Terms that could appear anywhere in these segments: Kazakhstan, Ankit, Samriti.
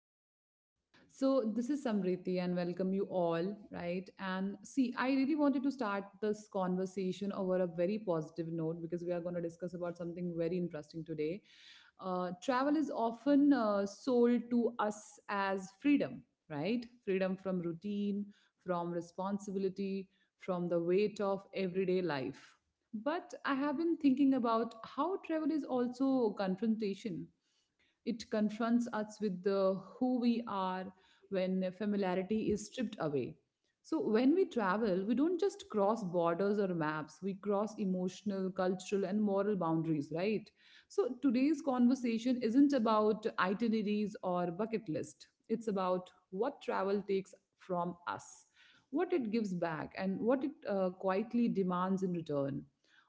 maps. So this is Samriti and welcome you all, right? And see, I really wanted to start this conversation over a very positive note because we are going to discuss about something very interesting today. Travel is often sold to us as freedom, right? Freedom from routine, from responsibility, from the weight of everyday life but I have been thinking about how travel is also confrontation. It confronts us with the who we are when familiarity is stripped away. So when we travel, we don't just cross borders or maps, we cross emotional, cultural and moral boundaries, right? So today's conversation isn't about itineraries or bucket list. It's about what travel takes from us, what it gives back and what it quietly demands in return.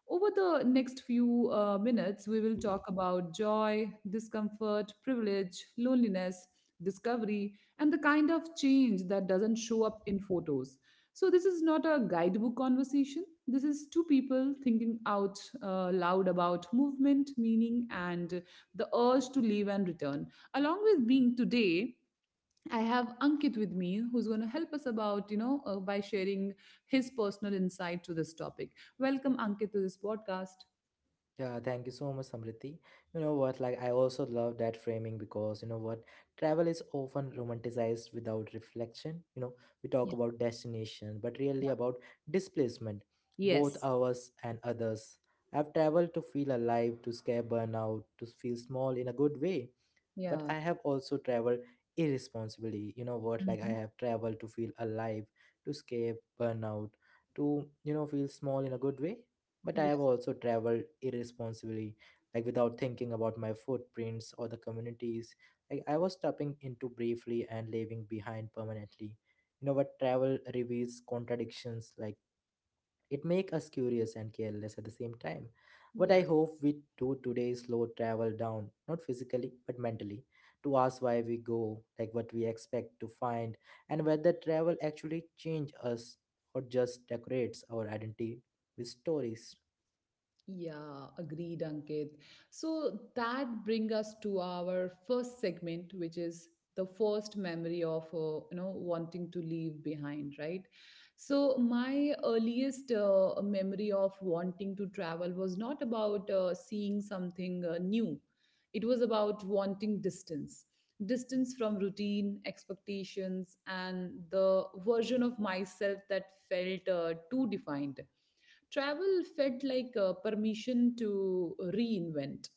Over the next few minutes, we will talk about joy, discomfort, privilege, loneliness, discovery, and the kind of change that doesn't show up in photos. So, this is not a guidebook conversation. This is two people thinking out loud about movement, meaning, and the urge to leave and return. Along with being today, I have Ankit with me, who's going to help us about, by sharing his personal insight to this topic. Welcome, Ankit, to this podcast. Yeah, thank you so much, Samriti. You know what? I also love that framing because you know what? Travel is often romanticized without reflection. You know, we talk Yeah. about destination, but really about displacement, both Yes. ours and others. I've traveled to feel alive, to scare burnout, to feel small in a good way. But Yeah. I have also traveled irresponsibly. You know what? I Mhm. have traveled to feel alive, to scare burnout, to, feel small in a good way but I have Yes. also traveled irresponsibly, like without thinking about my footprints or the communities. Like I was stepping into briefly and leaving behind permanently. You know what travel reveals contradictions like it make us curious and careless at the same time. What I Yeah. hope we do today is slow travel down, not physically but mentally, to ask why we go, like what we expect to find, and whether travel actually change us or just decorates our identity with stories. Yeah, agreed, Ankit. So that brings us to our first segment, which is the first memory of you know wanting to leave behind, right? So my earliest memory of wanting to travel was not about seeing something new. It was about wanting distance, distance from routine, expectations, and the version of myself that felt too defined. Travel felt like permission to reinvent.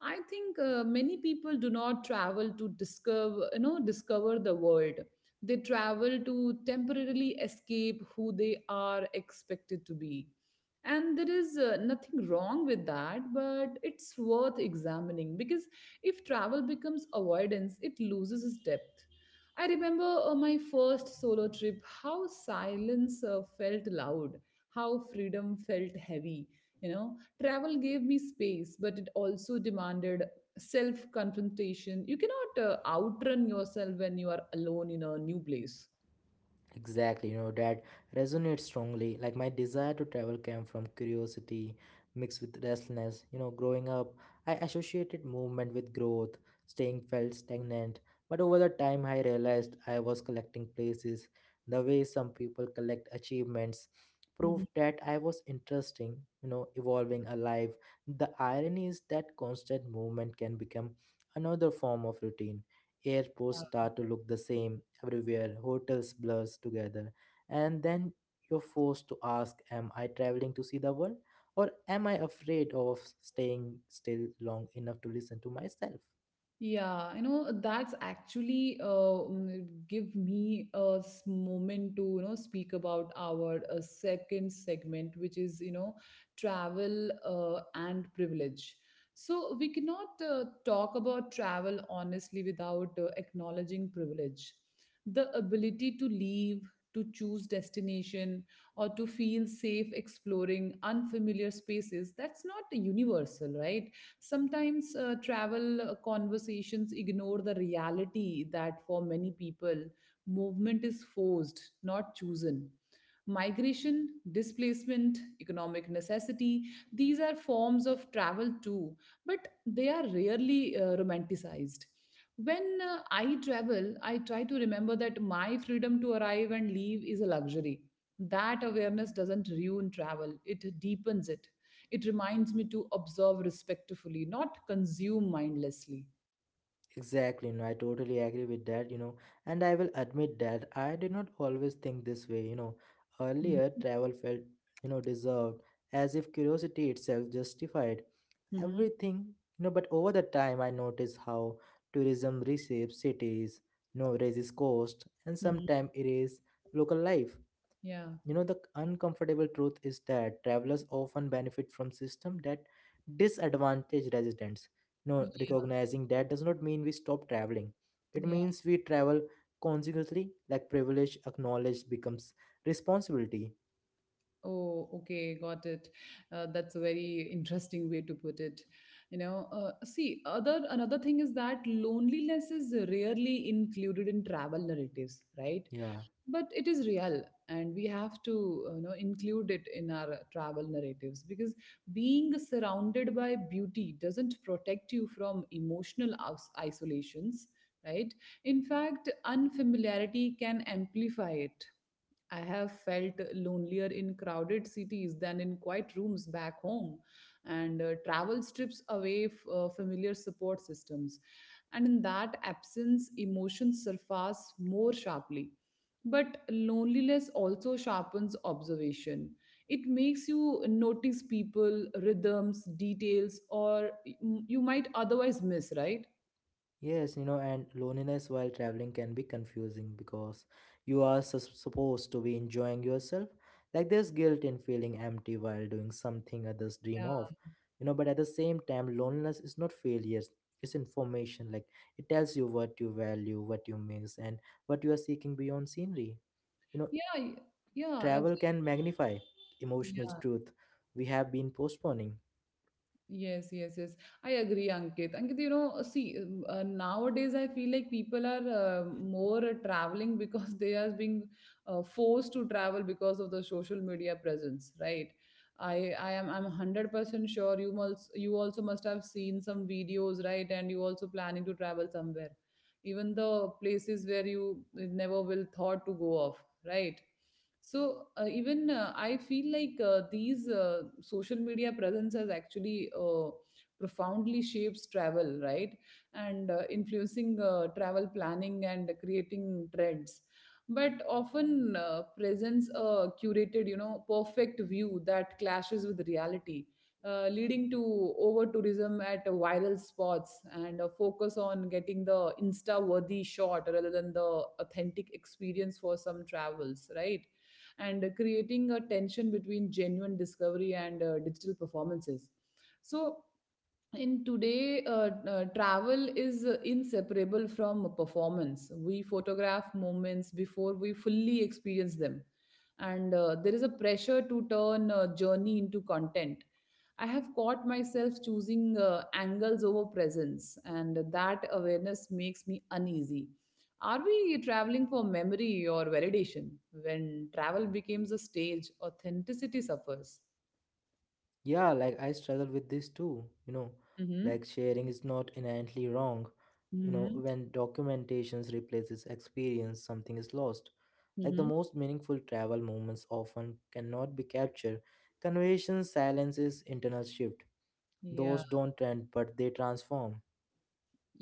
I think many people do not travel to discover, you know, discover the world. They travel to temporarily escape who they are expected to be. And there is nothing wrong with that, but it's worth examining because if travel becomes avoidance, it loses its depth. I remember my first solo trip, how silence felt loud, how freedom felt heavy. You know, travel gave me space, but it also demanded self confrontation. You cannot outrun yourself when you are alone in a new place. Exactly, you know, that resonates strongly. Like my desire to travel came from curiosity mixed with restlessness. You know, growing up, I associated movement with growth, staying felt stagnant. But over the time, I realized I was collecting places, the way some people collect achievements, Mhm. proved that I was interesting, you know, evolving alive. The irony is that constant movement can become another form of routine airports start to look the same everywhere, hotels blurs together, and then you're forced to ask, am I traveling to see the world? Or am I afraid of staying still long enough to listen to myself? That's actually give me a moment to, you know, speak about our second segment, which is, you know, travel and privilege. So we cannot talk about travel honestly without acknowledging privilege. The ability to leave, to choose destination, or to feel safe exploring unfamiliar spaces, that's not universal, right? Sometimes travel conversations ignore the reality that for many people, movement is forced, not chosen. Migration, displacement, economic necessity, these are forms of travel too, but they are rarely romanticized. When I travel, I try to remember that my freedom to arrive and leave is a luxury. That awareness doesn't ruin travel, it deepens it. It reminds me to observe respectfully, not consume mindlessly. Exactly, no, I totally agree with that, you know, and I will admit that I did not always think this way, you know. Earlier, Mhm. travel felt, you know, deserved, as if curiosity itself justified Hmm. everything, you know. But over the time, I noticed how tourism reshapes cities, you know, raises cost, and Hmm. sometimes erase local life. You know, the uncomfortable truth is that travelers often benefit from systems that disadvantage residents. No, recognizing that does not mean we stop traveling. It Yeah. means we travel consequently, like privilege acknowledged becomes responsibility. Oh, okay, got it. That's a very interesting way to put it. See, other another thing is that loneliness is rarely included in travel narratives, right? Yeah. But it is real, and we have to, you know, include it in our travel narratives because being surrounded by beauty doesn't protect you from emotional isolations, right? In fact, unfamiliarity can amplify it. I have felt lonelier in crowded cities than in quiet rooms back home, and travel strips away familiar support systems. And in that absence, emotions surface more sharply. But loneliness also sharpens observation. It makes you notice people, rhythms, details, you might otherwise miss, right? Yes, you know, and loneliness while traveling can be confusing because you are supposed to be enjoying yourself. Like there's guilt in feeling empty while doing something others dream Yeah. of. You know, but at the same time, loneliness is not failure, it's information. Like it tells you what you value, what you miss, and what you are seeking beyond scenery. You know, Yeah, y- yeah, travel absolutely. can magnify emotional truth we have been postponing. Yes, yes, yes. I agree, Ankit. Ankit, you know, see, nowadays I feel like people are more traveling because they are being forced to travel because of the social media presence, right? I'm 100% sure you also must have seen some videos, right? And you also planning to travel somewhere, even the places where you never will thought to go of, right? So even I feel like these social media presence has actually profoundly shapes travel, right? And influencing travel planning and creating trends. But often presents a curated, you know, perfect view that clashes with reality, leading to over tourism at viral spots and a focus on getting the insta worthy shot rather than the authentic experience for some travels, right? And creating a tension between genuine discovery and digital performances. So, in today, travel is inseparable from performance. We photograph moments before we fully experience them. And there is a pressure to turn a journey into content. I have caught myself choosing angles over presence, and that awareness makes me uneasy. Are we traveling for memory or validation? When travel becomes a stage, authenticity suffers. Yeah, like I struggle with this too, you know, Mm-hmm. sharing is not inherently wrong. You know, Mm-hmm. when documentations replaces experience, something is lost. Like the Mm-hmm. most meaningful travel moments often cannot be captured. Conversations, silences, internal shift. Yeah. Those don't trend, but they transform.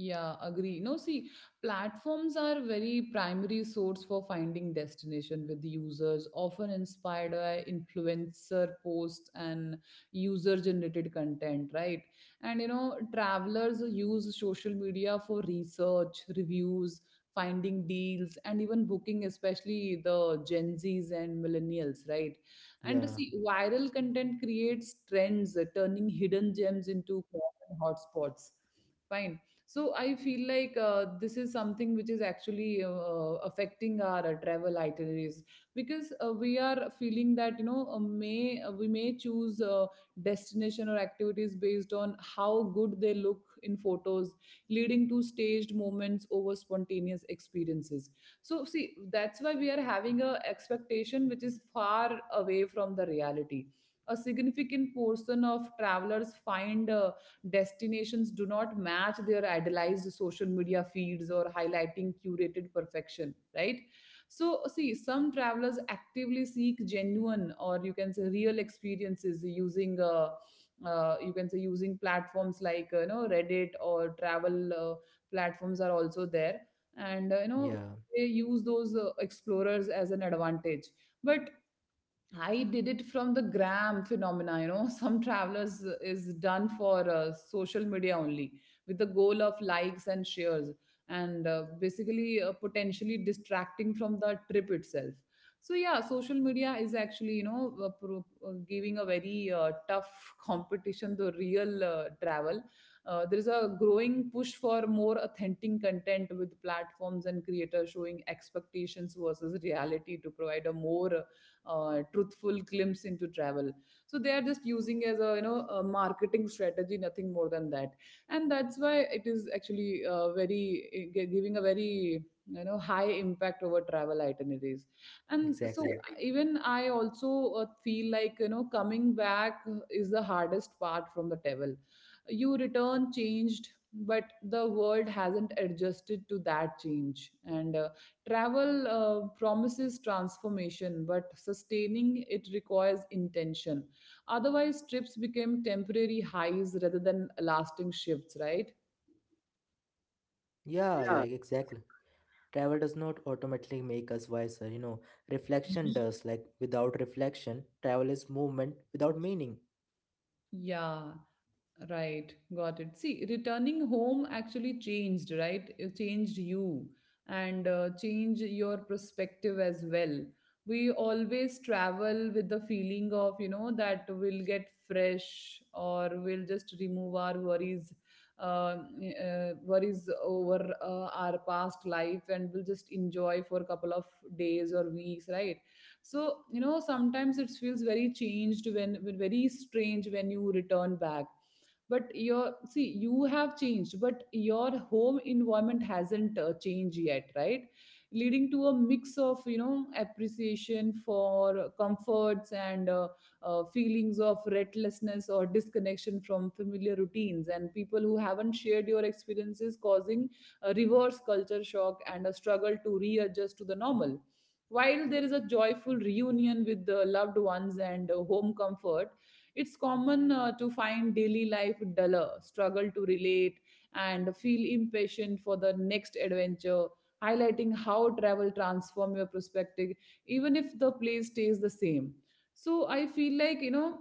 Yeah, agree. No, see, platforms are very primary source for finding destination with the users, often inspired by influencer posts and user-generated content, right? And you know, travelers use social media for research, reviews, finding deals, and even booking, especially the Gen Zs and millennials, right? And Yeah, see, viral content creates trends, turning hidden gems into hotspots. Fine, so I feel like this is something which is actually affecting our travel itineraries because we are feeling that you know may we may choose destination or activities based on how good they look in photos, leading to staged moments over spontaneous experiences. So see, that's why we are having a expectation which is far away from the reality. A significant portion of travelers find destinations do not match their idealized social media feeds or highlighting curated perfection, right? So, see, some travelers actively seek genuine or you can say real experiences using, you can say, using platforms like, you know, Reddit or travel platforms are also there. And, you know, yeah, they use those explorers as an advantage. But I did it from the gram phenomena. You know, some travelers is done for social media only with the goal of likes and shares, and basically potentially distracting from the trip itself. So yeah, social media is actually you know giving a very tough competition to real travel. There is a growing push for more authentic content with platforms and creators showing expectations versus reality to provide a more truthful glimpse into travel, so they are just using as a you know a marketing strategy, nothing more than that. And that's why it is actually very giving a very you know high impact over travel itineraries. And so exactly. exactly, even I also feel like you know coming back is the hardest part from the travel. You return changed, but the world hasn't adjusted to that change. And Travel promises transformation, but sustaining it requires intention. Otherwise, trips become temporary highs rather than lasting shifts, right? Yeah, like exactly. Travel does not automatically make us wiser, you know. Reflection does, like without reflection, travel is movement without meaning. Yeah, right, got it. See, returning home actually changed, right? It changed you and changed your perspective as well. We always travel with the feeling of, you know, that we'll get fresh or we'll just remove our worries, uh, worries over our past life and we'll just enjoy for a couple of days or weeks, right? So, you know, sometimes it feels very changed when very strange when you return back, but your see you have changed but your home environment hasn't changed yet, right, leading to a mix of you know appreciation for comforts and feelings of restlessness or disconnection from familiar routines and people who haven't shared your experiences, causing a reverse culture shock and a struggle to readjust to the normal. While there is a joyful reunion with the loved ones and home comfort, it's common to find daily life duller, struggle to relate, and feel impatient for the next adventure, highlighting how travel transform your perspective, even if the place stays the same. So I feel like, you know,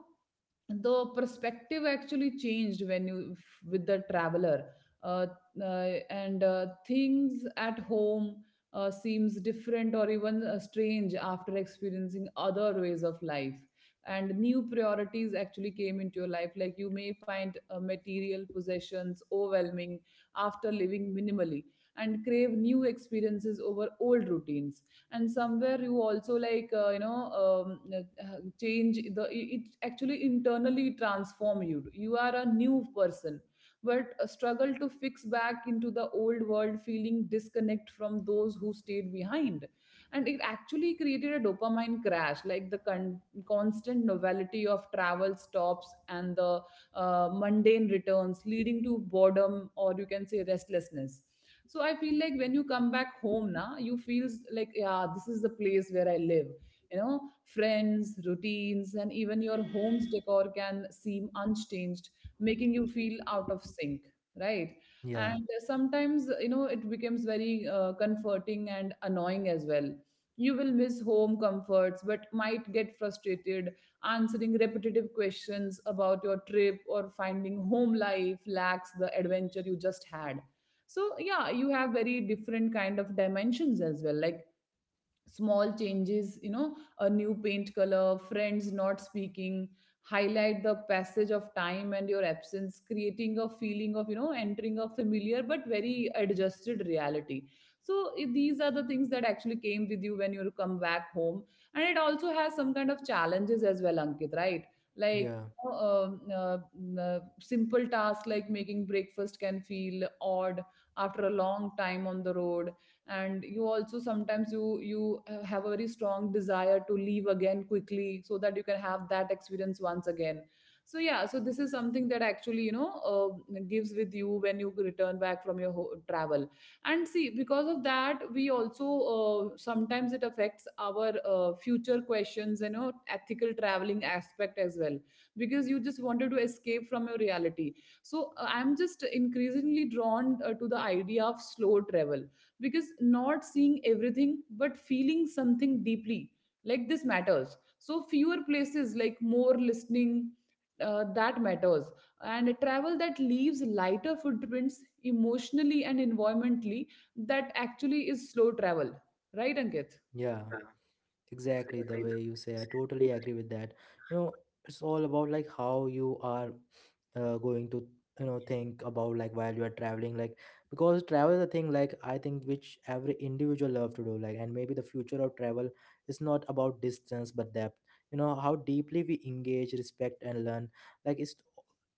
the perspective actually changed when with the traveler uh, and things at home seems different or even strange after experiencing other ways of life. And new priorities actually came into your life, like you may find material possessions overwhelming after living minimally, and crave new experiences over old routines. And somewhere you also like change the it actually internally transform you. You are a new person, but a struggle to fix back into the old world, feeling disconnect from those who stayed behind. And it actually created a dopamine crash, like constant novelty of travel stops and the mundane returns, leading to boredom, or you can say restlessness. So I feel like when you come back home na, you feel like, yeah, this is the place where I live. You know, friends, routines, and even your home's decor can seem unchanged, making you feel out of sync, right? Yeah, And sometimes, you know, it becomes very comforting and annoying as well. You will miss home comforts, but might get frustrated answering repetitive questions about your trip, or finding home life lacks the adventure you just had. So yeah, you have very different kind of dimensions as well, like small changes, you know, a new paint color, friends not speaking, highlight the passage of time and your absence, creating a feeling of, you know, entering a familiar but very adjusted reality. So these are the things that actually came with you when you come back home. And it also has some kind of challenges as well, Ankit, right? like yeah, um, uh, uh, simple tasks like making breakfast can feel odd after a long time on the road. And you also, sometimes you have a very strong desire to leave again quickly, so that you can have that experience once again. So yeah, so this is something that actually, you know, gives with you when you return back from your travel. And see, because of that, we also sometimes it affects our future questions, you know, ethical traveling aspect as well, because you just wanted to escape from your reality. So I'm just increasingly drawn to the idea of slow travel. Because not seeing everything, but feeling something deeply like this matters. So fewer places, like more listening, that matters. And a travel that leaves lighter footprints emotionally and environmentally, that actually is slow travel, right Ankit? yeah, exactly the way you say I totally agree with that. You know, it's all about like how you are going to, you know, think about like while you are traveling, like because travel is a thing like I think which every individual love to do, like and maybe the future of travel is not about distance but depth. You know how deeply we engage, respect and learn. Like it's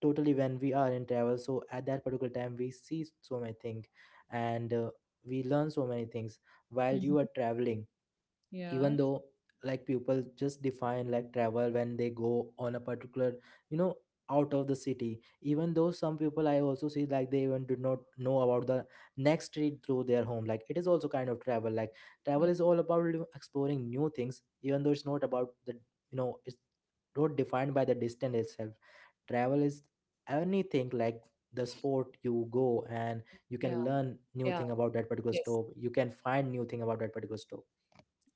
totally when we are in travel, so at that particular time we see so many things and we learn so many things while you are Mhm. traveling, Yeah, even though like people just define like travel when they go on a particular, you know, out of the city. Even though some people I also see, like they even do not know about the next street through their home, like it is also kind of travel. Like travel yeah, is all about, you know, exploring new things, even though it's not about the, you know, it's not defined by the distance itself. Travel is anything, like the sport you go and you yeah, can learn new yeah, thing about that particular yes. stove, you can find new thing about that particular stove.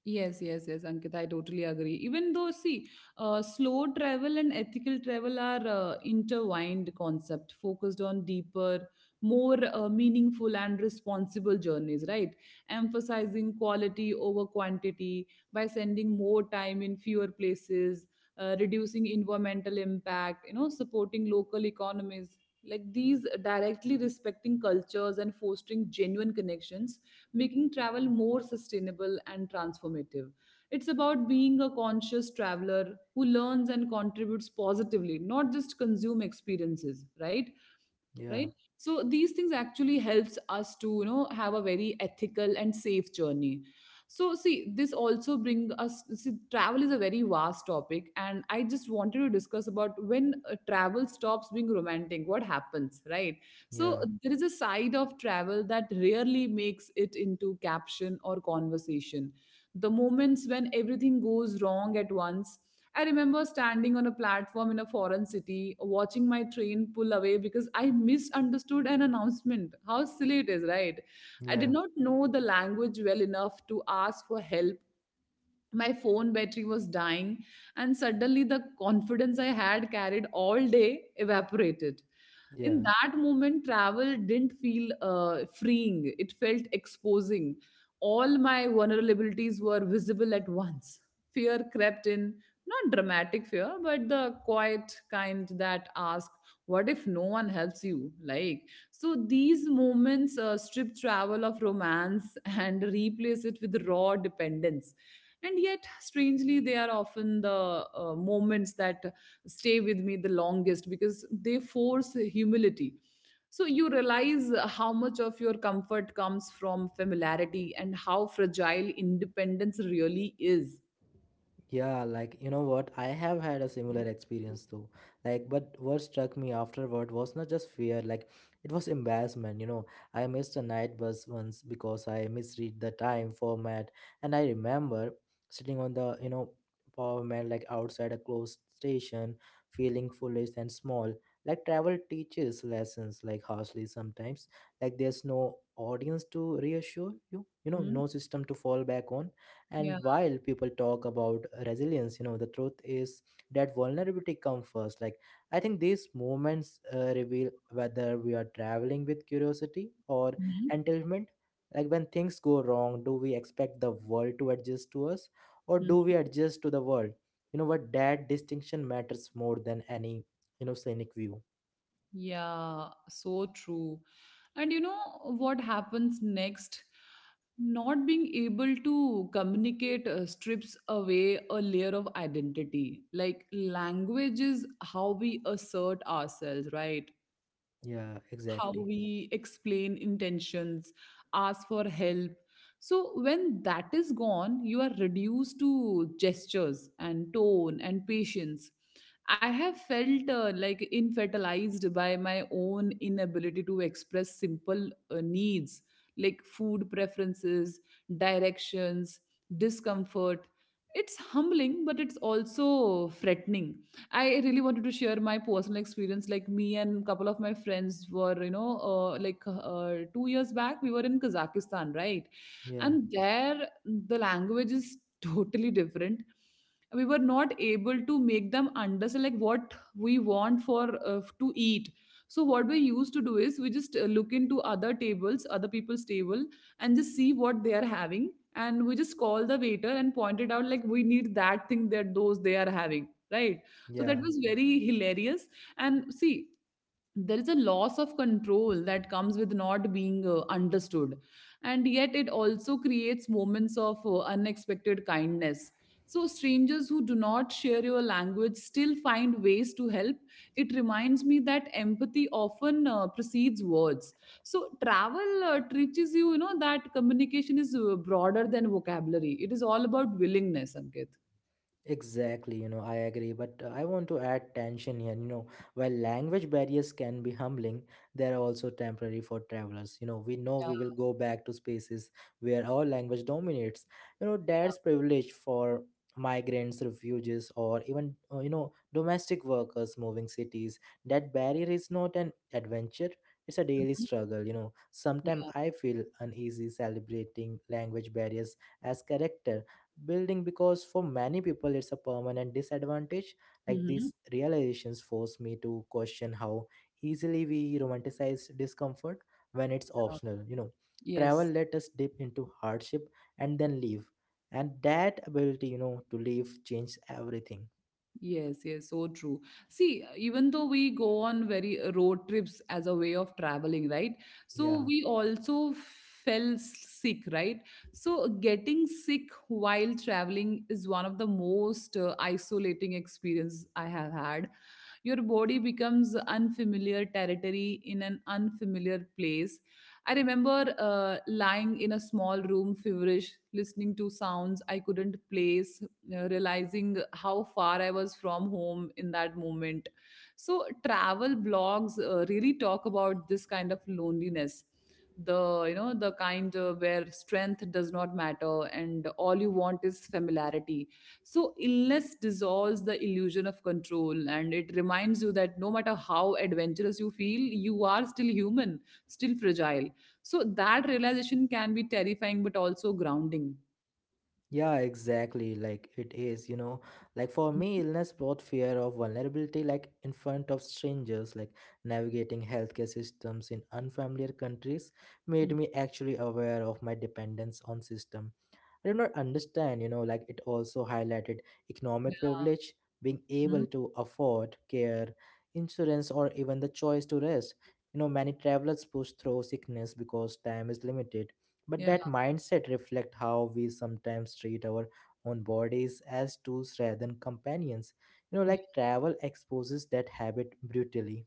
Yes, yes, yes, Ankit, I totally agree. Even though, see, slow travel and ethical travel are intertwined concept focused on deeper, more meaningful and responsible journeys, right? Emphasizing quality over quantity by sending more time in fewer places, reducing environmental impact, you know, supporting local economies. Like these, directly respecting cultures and fostering genuine connections, making travel more sustainable and transformative. It's about being a conscious traveler who learns and contributes positively, not just consume experiences, right? Yeah, Right. So these things actually helps us to, you know, have a very ethical and safe journey. So see, this also bring us, see, travel is a very vast topic, and I just wanted to discuss about when travel stops being romantic, what happens, right? So Yeah, there is a side of travel that rarely makes it into caption or conversation, the moments when everything goes wrong at once. I remember standing on a platform in a foreign city, watching my train pull away because I misunderstood an announcement. How silly it is, right? I did yeah, not know the language well enough to ask for help, my phone battery was dying, and suddenly the confidence I had carried all day evaporated. In yeah, that moment, travel didn't feel freeing, it felt exposing. All my vulnerabilities were visible at once. Fear crept in, not dramatic fear, but the quiet kind that asks, what if no one helps you? Like, so these moments strip travel of romance and replace it with raw dependence. And yet, strangely, they are often the moments that stay with me the longest, because they force humility. So you realize how much of your comfort comes from familiarity, and how fragile independence really is. yeah. Like, you know what? I have had a similar experience too. But what struck me afterward was not just fear, like, it was embarrassment. You know, I missed a night bus once because I misread the time format. And I remember sitting on the, you know, power man, like outside a closed station, feeling foolish and small. Like, travel teaches lessons, like, harshly sometimes. Like, there's no audience to reassure you, you know, Mhm. no system to fall back on, Yeah. and while people talk about resilience, you know, the truth is that vulnerability comes first. Like I think these moments reveal whether we are traveling with curiosity or entitlement. Like when things go wrong, do we expect the world to adjust to us, or do Mhm. we adjust to the world? You know what, that distinction matters more than any, you know, scenic view. Yeah, so true. And you know what happens next? Not being able to communicate strips away a layer of identity. Like, language is how we assert ourselves, right? Yeah, How exactly. we explain intentions, ask for help. So, when that is gone, you are reduced to gestures and tone and patience. I have felt like infertilized by my own inability to express simple needs, like food preferences, directions, discomfort. It's humbling, but it's also threatening. I really wanted to share my personal experience. Like, me and a couple of my friends were, you know, 2 years back, we were in Kazakhstan, right? Yeah, And there, the language is totally different. We were not able to make them understand like what we want for to eat. So what we used to do is we just look into other tables, other people's table, and just see what they are having. And we just call the waiter and point it out, like we need that thing that those they are having, right? So that yeah. was very hilarious. And see, there is a loss of control that comes with not being understood. And yet, it also creates moments of unexpected kindness. So, strangers who do not share your language still find ways to help. It reminds me that empathy often precedes words. So, travel teaches you, you know, that communication is broader than vocabulary. It is all about willingness, Ankit. Exactly, you know, I agree, but I want to add tension here. You know, while language barriers can be humbling, they are also temporary for travelers. You know we Yeah. will go back to spaces where our language dominates. You know, that's privilege for migrants, refugees, or even, you know, domestic workers moving cities. That barrier is not an adventure, it's a daily struggle. You know, sometimes I feel uneasy celebrating language barriers as character building because for many people it's a permanent disadvantage. Like Mhm. these realizations force me to question how easily we romanticize discomfort when it's optional. You know, travel Yes. let us dip into hardship and then leave, and that ability, you know, to leave changed everything. Yes, yes, so true. See, even though we go on very road trips as a way of traveling, right? So Yeah. we also fell sick, right? So getting sick while traveling is one of the most isolating experience I have had. Your body becomes unfamiliar territory in an unfamiliar place. I remember lying in a small room, feverish, listening to sounds I couldn't place, realizing how far I was from home in that moment. So, travel blogs really talk about this kind of loneliness, the, you know, the kind where strength does not matter, and all you want is familiarity. So illness dissolves the illusion of control, and it reminds you that no matter how adventurous you feel, you are still human, still fragile. So that realization can be terrifying, but also grounding. Yeah, exactly. Like it is, you know, like for me, illness brought fear of vulnerability, like in front of strangers, like navigating healthcare systems in unfamiliar countries made Mhm. me actually aware of my dependence on system I did not understand. You know, like it also highlighted economic Yeah. privilege, being Mhm. able to afford care, insurance, or even the choice to rest. You know, many travelers push through sickness because time is limited. But Yeah. that mindset reflects how we sometimes treat our own bodies as tools rather than companions. You know, like travel exposes that habit brutally.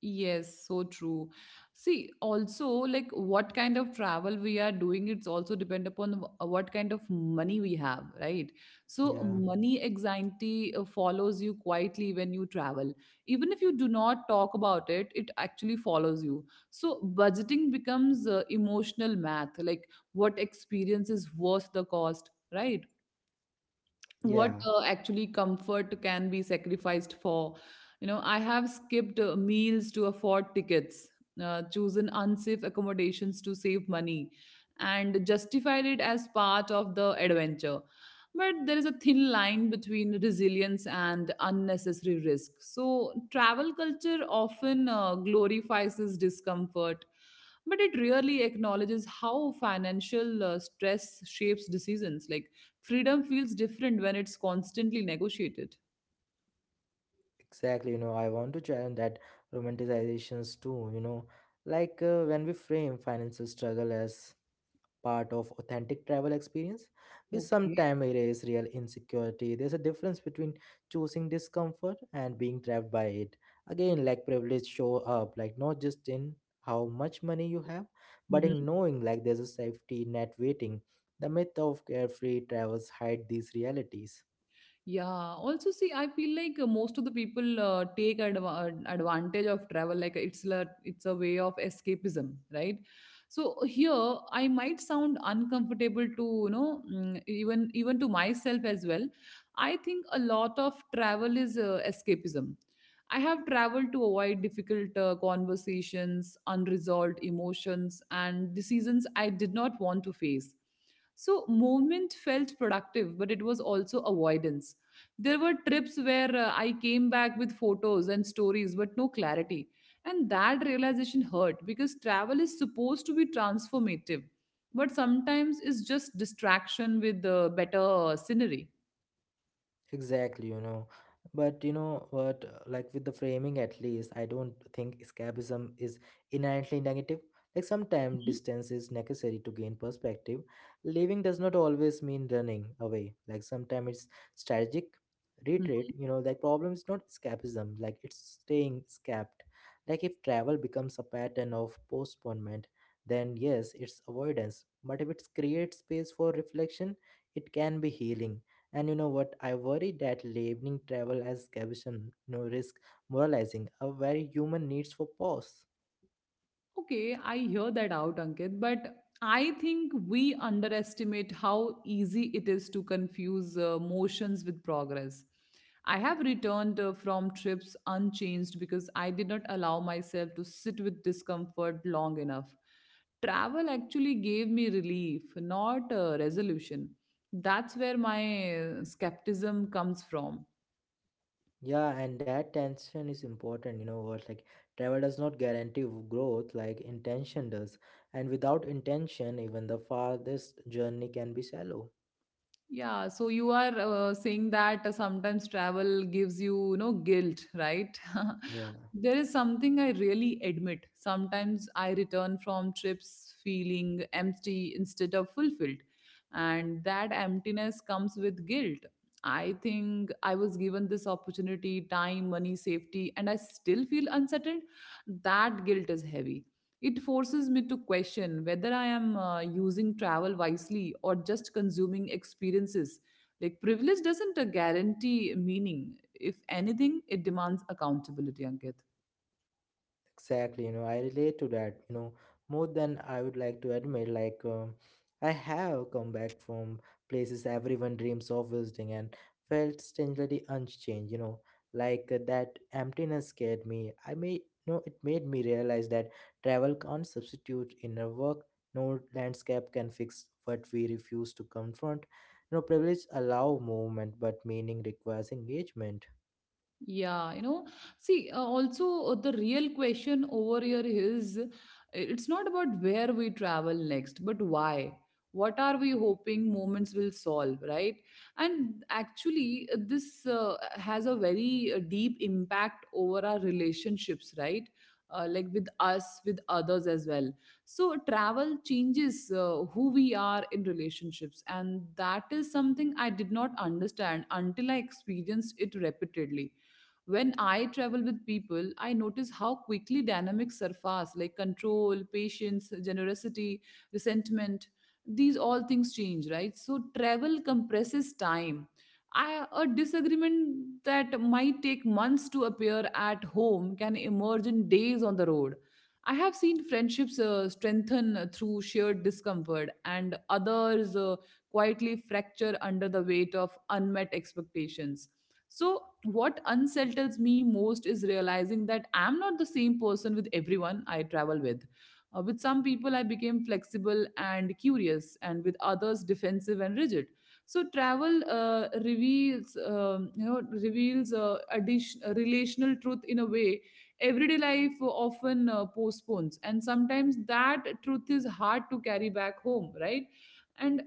Yes, so true. See, also, like what kind of travel we are doing, it's also depend upon what kind of money we have, right? So, Yeah, money anxiety follows you quietly when you travel. Even if you do not talk about it, it actually follows you. So, budgeting becomes emotional math, like what experience is worth the cost, right? What yeah. Actually comfort can be sacrificed for? You know, I have skipped meals to afford tickets, chosen unsafe accommodations to save money, and justified it as part of the adventure. But there is a thin line between resilience and unnecessary risk. So travel culture often glorifies this discomfort, but it rarely acknowledges how financial stress shapes decisions, like freedom feels different when it's constantly negotiated. Exactly, you know, I want to challenge that romanticizations too, you know, like when we frame financial struggle as part of authentic travel experience, we Okay. sometimes erase real insecurity. There's a difference between choosing discomfort and being trapped by it. Again, like privilege show up, like not just in how much money you have, but in knowing like there's a safety net waiting. The myth of carefree travels hide these realities. Yeah, also see, I feel like most of the people take advantage of travel, like it's a way of escapism, right? So here, I might sound uncomfortable to, you know, even to myself as well. I think a lot of travel is escapism. I have traveled to avoid difficult conversations, unresolved emotions, and decisions I did not want to face. So, movement felt productive, but it was also avoidance. There were trips where I came back with photos and stories, but no clarity. And that realization hurt because travel is supposed to be transformative, but sometimes it's just distraction with better scenery. Exactly, you know. But you know what, like with the framing at least, I don't think escapism is inherently negative. Like sometimes distance is necessary to gain perspective. Leaving does not always mean running away. Like sometimes it's strategic Mhm. retreat, you know, like problem is not escapism, like it's staying escaped. Like if travel becomes a pattern of postponement, then yes, it's avoidance. But if it creates space for reflection, it can be healing, and you know what? I worry that labeling travel as escapism no risk moralizing a very human needs for pause. Okay, I hear that out, Ankit, but I think we underestimate how easy it is to confuse motions with progress. I have returned from trips unchanged because I did not allow myself to sit with discomfort long enough. Travel actually gave me relief, not resolution. That's where my skepticism comes from. Yeah, and that tension is important. You know what? Like travel does not guarantee growth, like intention does, and without intention, even the farthest journey can be shallow. Yeah, so you are saying that sometimes travel gives you, you know, guilt, right? Yeah. There is something I really admit. Sometimes I return from trips feeling empty instead of fulfilled, and that emptiness comes with guilt. I think I was given this opportunity, time, money, safety, and I still feel unsettled. That guilt is heavy. It forces me to question whether I am using travel wisely, or just consuming experiences. Like, privilege doesn't guarantee meaning. If anything, it demands accountability, Ankit. Exactly, you know, I relate to that, you know, more than I would like to admit. Like, I have come back from places everyone dreams of visiting and felt strangely unchanged, you know, like that emptiness scared me. I may, you know, it made me realize that travel can't substitute inner work, no landscape can fix what we refuse to confront. You know, privilege allow movement, but meaning requires engagement. Yeah, you know, see, also the real question over here is it's not about where we travel next, but why. What are we hoping moments will solve, right? And actually, this has a very deep impact over our relationships, right? Like with us, with others as well. So, travel changes who we are in relationships. And that is something I did not understand until I experienced it repeatedly. When I travel with people, I notice how quickly dynamics surface, like control, patience, generosity, resentment. These all things change, right? So travel compresses time. I, a disagreement that might take months to appear at home can emerge in days on the road. I have seen friendships strengthen through shared discomfort, and others quietly fracture under the weight of unmet expectations. So, what unsettles me most is realizing that I'm not the same person with everyone I travel with. With some people, I became flexible and curious, and with others, defensive and rigid. So, travel reveals, reveals addition, a relational truth in a way everyday life often postpones, and sometimes that truth is hard to carry back home, right? And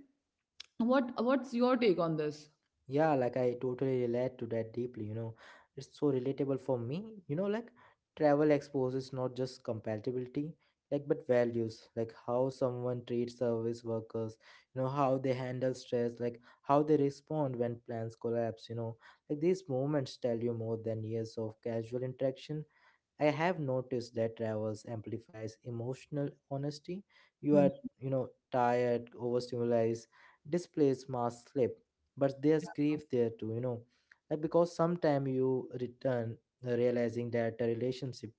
what's your take on this? Yeah, like I totally relate to that deeply, you know. It's so relatable for me. You know, like travel exposes not just compatibility, like but values, like how someone treats service workers, you know, how they handle stress, like how they respond when plans collapse, you know. Like these moments tell you more than years of casual interaction. I have noticed that travels amplifies emotional honesty. You are, you know, tired, overstimulated, displays mass sleep, but there's grief there too, you know, like because sometime you return realizing that a relationship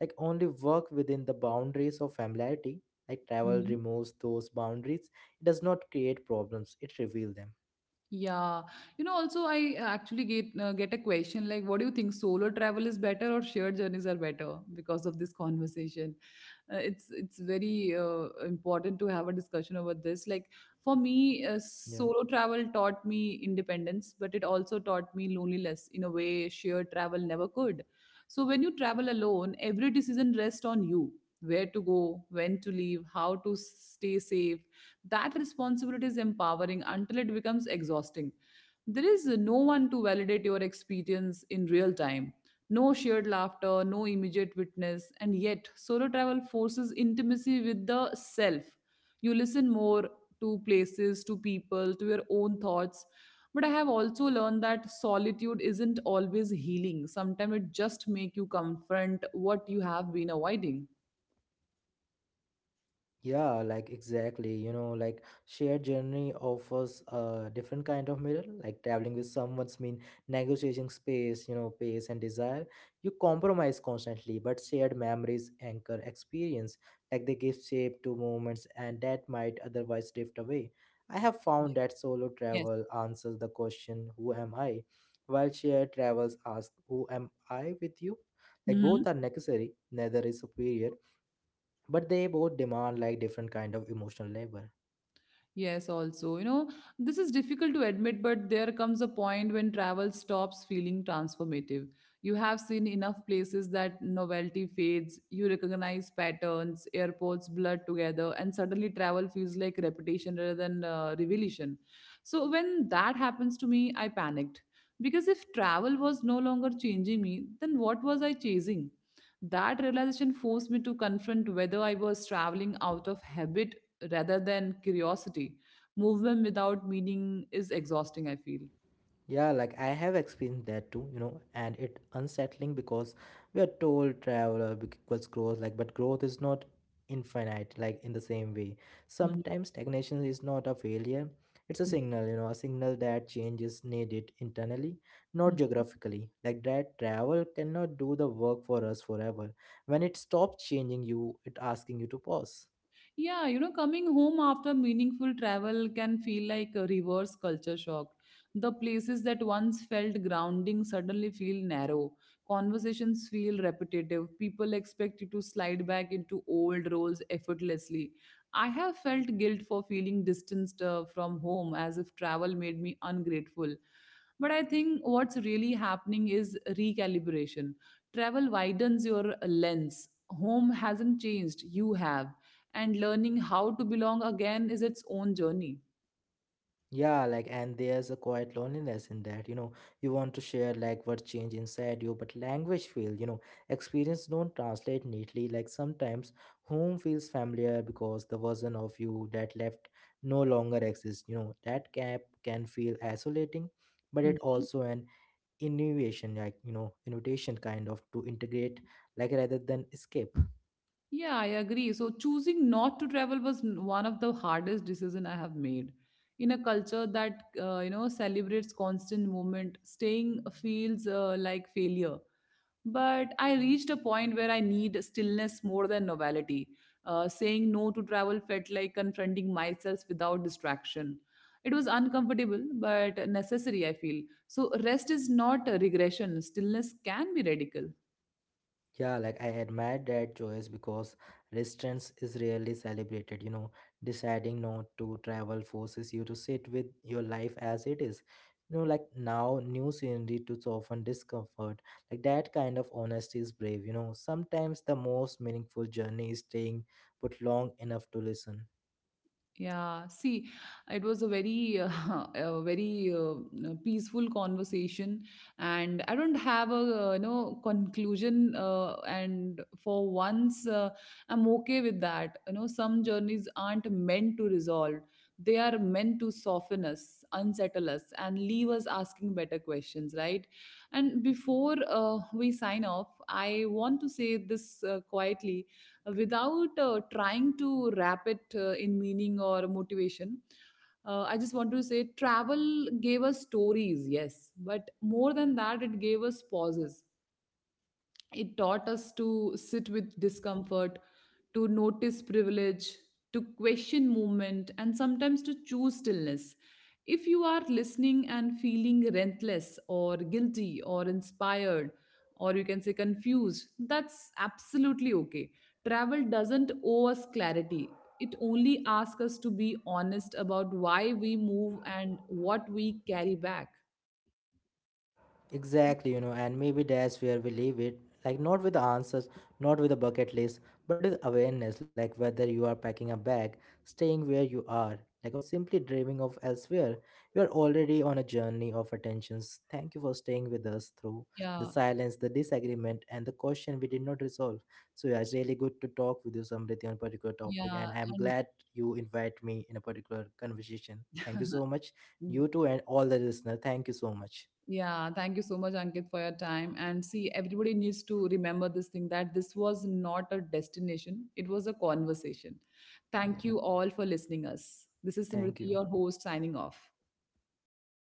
like only work within the boundaries of familiarity. Like travel removes those boundaries. It does not create problems; it reveals them. Yeah, you know, also I actually get a question like, what do you think, solo travel is better or shared journeys are better because of this conversation? Uh, it's very important to have a discussion over this like for me Yeah. solo travel taught me independence, but it also taught me loneliness in a way shared travel never could. So when you travel alone, every decision rests on you: where to go, when to leave, how to stay safe. That responsibility is empowering until it becomes exhausting. There is no one to validate your experience in real time. No shared laughter, no immediate witness, and yet solo travel forces intimacy with the self. You listen more to places, to people, to your own thoughts. But I have also learned that solitude isn't always healing. Sometimes it just makes you confront what you have been avoiding. Yeah, like exactly. You know, like shared journey offers a different kind of mirror. Like traveling with someone's mean negotiating space, you know, pace and desire. You compromise constantly, but shared memories anchor experience. Like they give shape to moments and that might otherwise drift away. I have found that solo travel answers the question, who am I? While shared travels ask, who am I with you? Like Yes. both are necessary, neither is superior but they both demand like different kind of emotional labor. Yes, also, you know, this is difficult to admit, but there comes a point when travel stops feeling transformative. You have seen enough places that novelty fades, you recognize patterns, airports blur together, and suddenly travel feels like repetition rather than revelation. So, when that happens to me, I panicked. Because if travel was no longer changing me, then what was I chasing? That realization forced me to confront whether I was traveling out of habit rather than curiosity. Movement without meaning is exhausting, I feel. Yeah, like I have experienced that too, you know, and it unsettling because we are told travel equals growth, like but growth is not infinite, like in the same way. Mhm. Sometimes stagnation is not a failure, it's a Mhm. signal, you know, a signal that change is needed internally, not Mhm. geographically, like that travel cannot do the work for us forever. When it stops changing you it asking you to pause. Yeah, you know, coming home after meaningful travel can feel like a reverse culture shock. The places that once felt grounding suddenly feel narrow. Conversations feel repetitive. People expect you to slide back into old roles effortlessly. I have felt guilt for feeling distanced from home, as if travel made me ungrateful. But I think what's really happening is recalibration. Travel widens your lens. Home hasn't changed, you have, and learning how to belong again is its own journey. Yeah, like, and there's a quiet loneliness in that, you know. You want to share, like, what change inside you, but language feel, you know, experience don't translate neatly. Like, sometimes home feels familiar because the version of you that left no longer exists, you know. That gap can feel isolating, but it also an innovation, like, you know, invitation kind of to integrate, like, rather than escape. Yeah, I agree. So choosing not to travel was one of the hardest decision I have made. In a culture that you know celebrates constant movement, staying feels like failure. But I reached a point where I need stillness more than novelty. Saying no to travel felt like confronting myself without distraction. It was uncomfortable but necessary, I feel. So rest is not a regression. Stillness can be radical. Yeah, like I admire that choice because resistance is rarely celebrated. You know, deciding not to travel forces you to sit with your life as it is. You know, like now, new scenery to soften discomfort. Like that kind of honesty is brave. You know, sometimes the most meaningful journey is staying, but long enough to listen. Yeah, see, it was a very, a very peaceful conversation, and I don't have a you know conclusion. And for once, I'm okay with that. You know, some journeys aren't meant to resolve; they are meant to soften us, unsettle us, and leave us asking better questions, right? And before we sign off, I want to say this quietly without trying to wrap it in meaning or motivation. I just want to say travel gave us stories, yes, but more than that, it gave us pauses. It taught us to sit with discomfort, to notice privilege, to question movement, and sometimes to choose stillness. If you are listening and feeling relentless or guilty or inspired, or you can say confused, that's absolutely okay. Travel doesn't owe us clarity. It only asks us to be honest about why we move and what we carry back. Exactly, you know, and maybe that's where we leave it. Like, not with the answers, not with a bucket list, but with awareness, like whether you are packing a bag, staying where you are, like, or simply dreaming of elsewhere, you are already on a journey of attentions. Thank you for staying with us through the Yeah, silence, the disagreement, and the question we did not resolve. So, yeah, it's really good to talk with you, Samriti, on a particular topic, yeah. and I'm glad you invite me in a particular conversation. Thank you so much. And You too, and all the listeners, thank you so much. yeah, thank you so much, Ankit, for your time. And see, everybody needs to remember this thing, that this was not a destination, it was a conversation. Thank Yeah. you all for listening us. This is Thank Simriti, you. your host, signing off.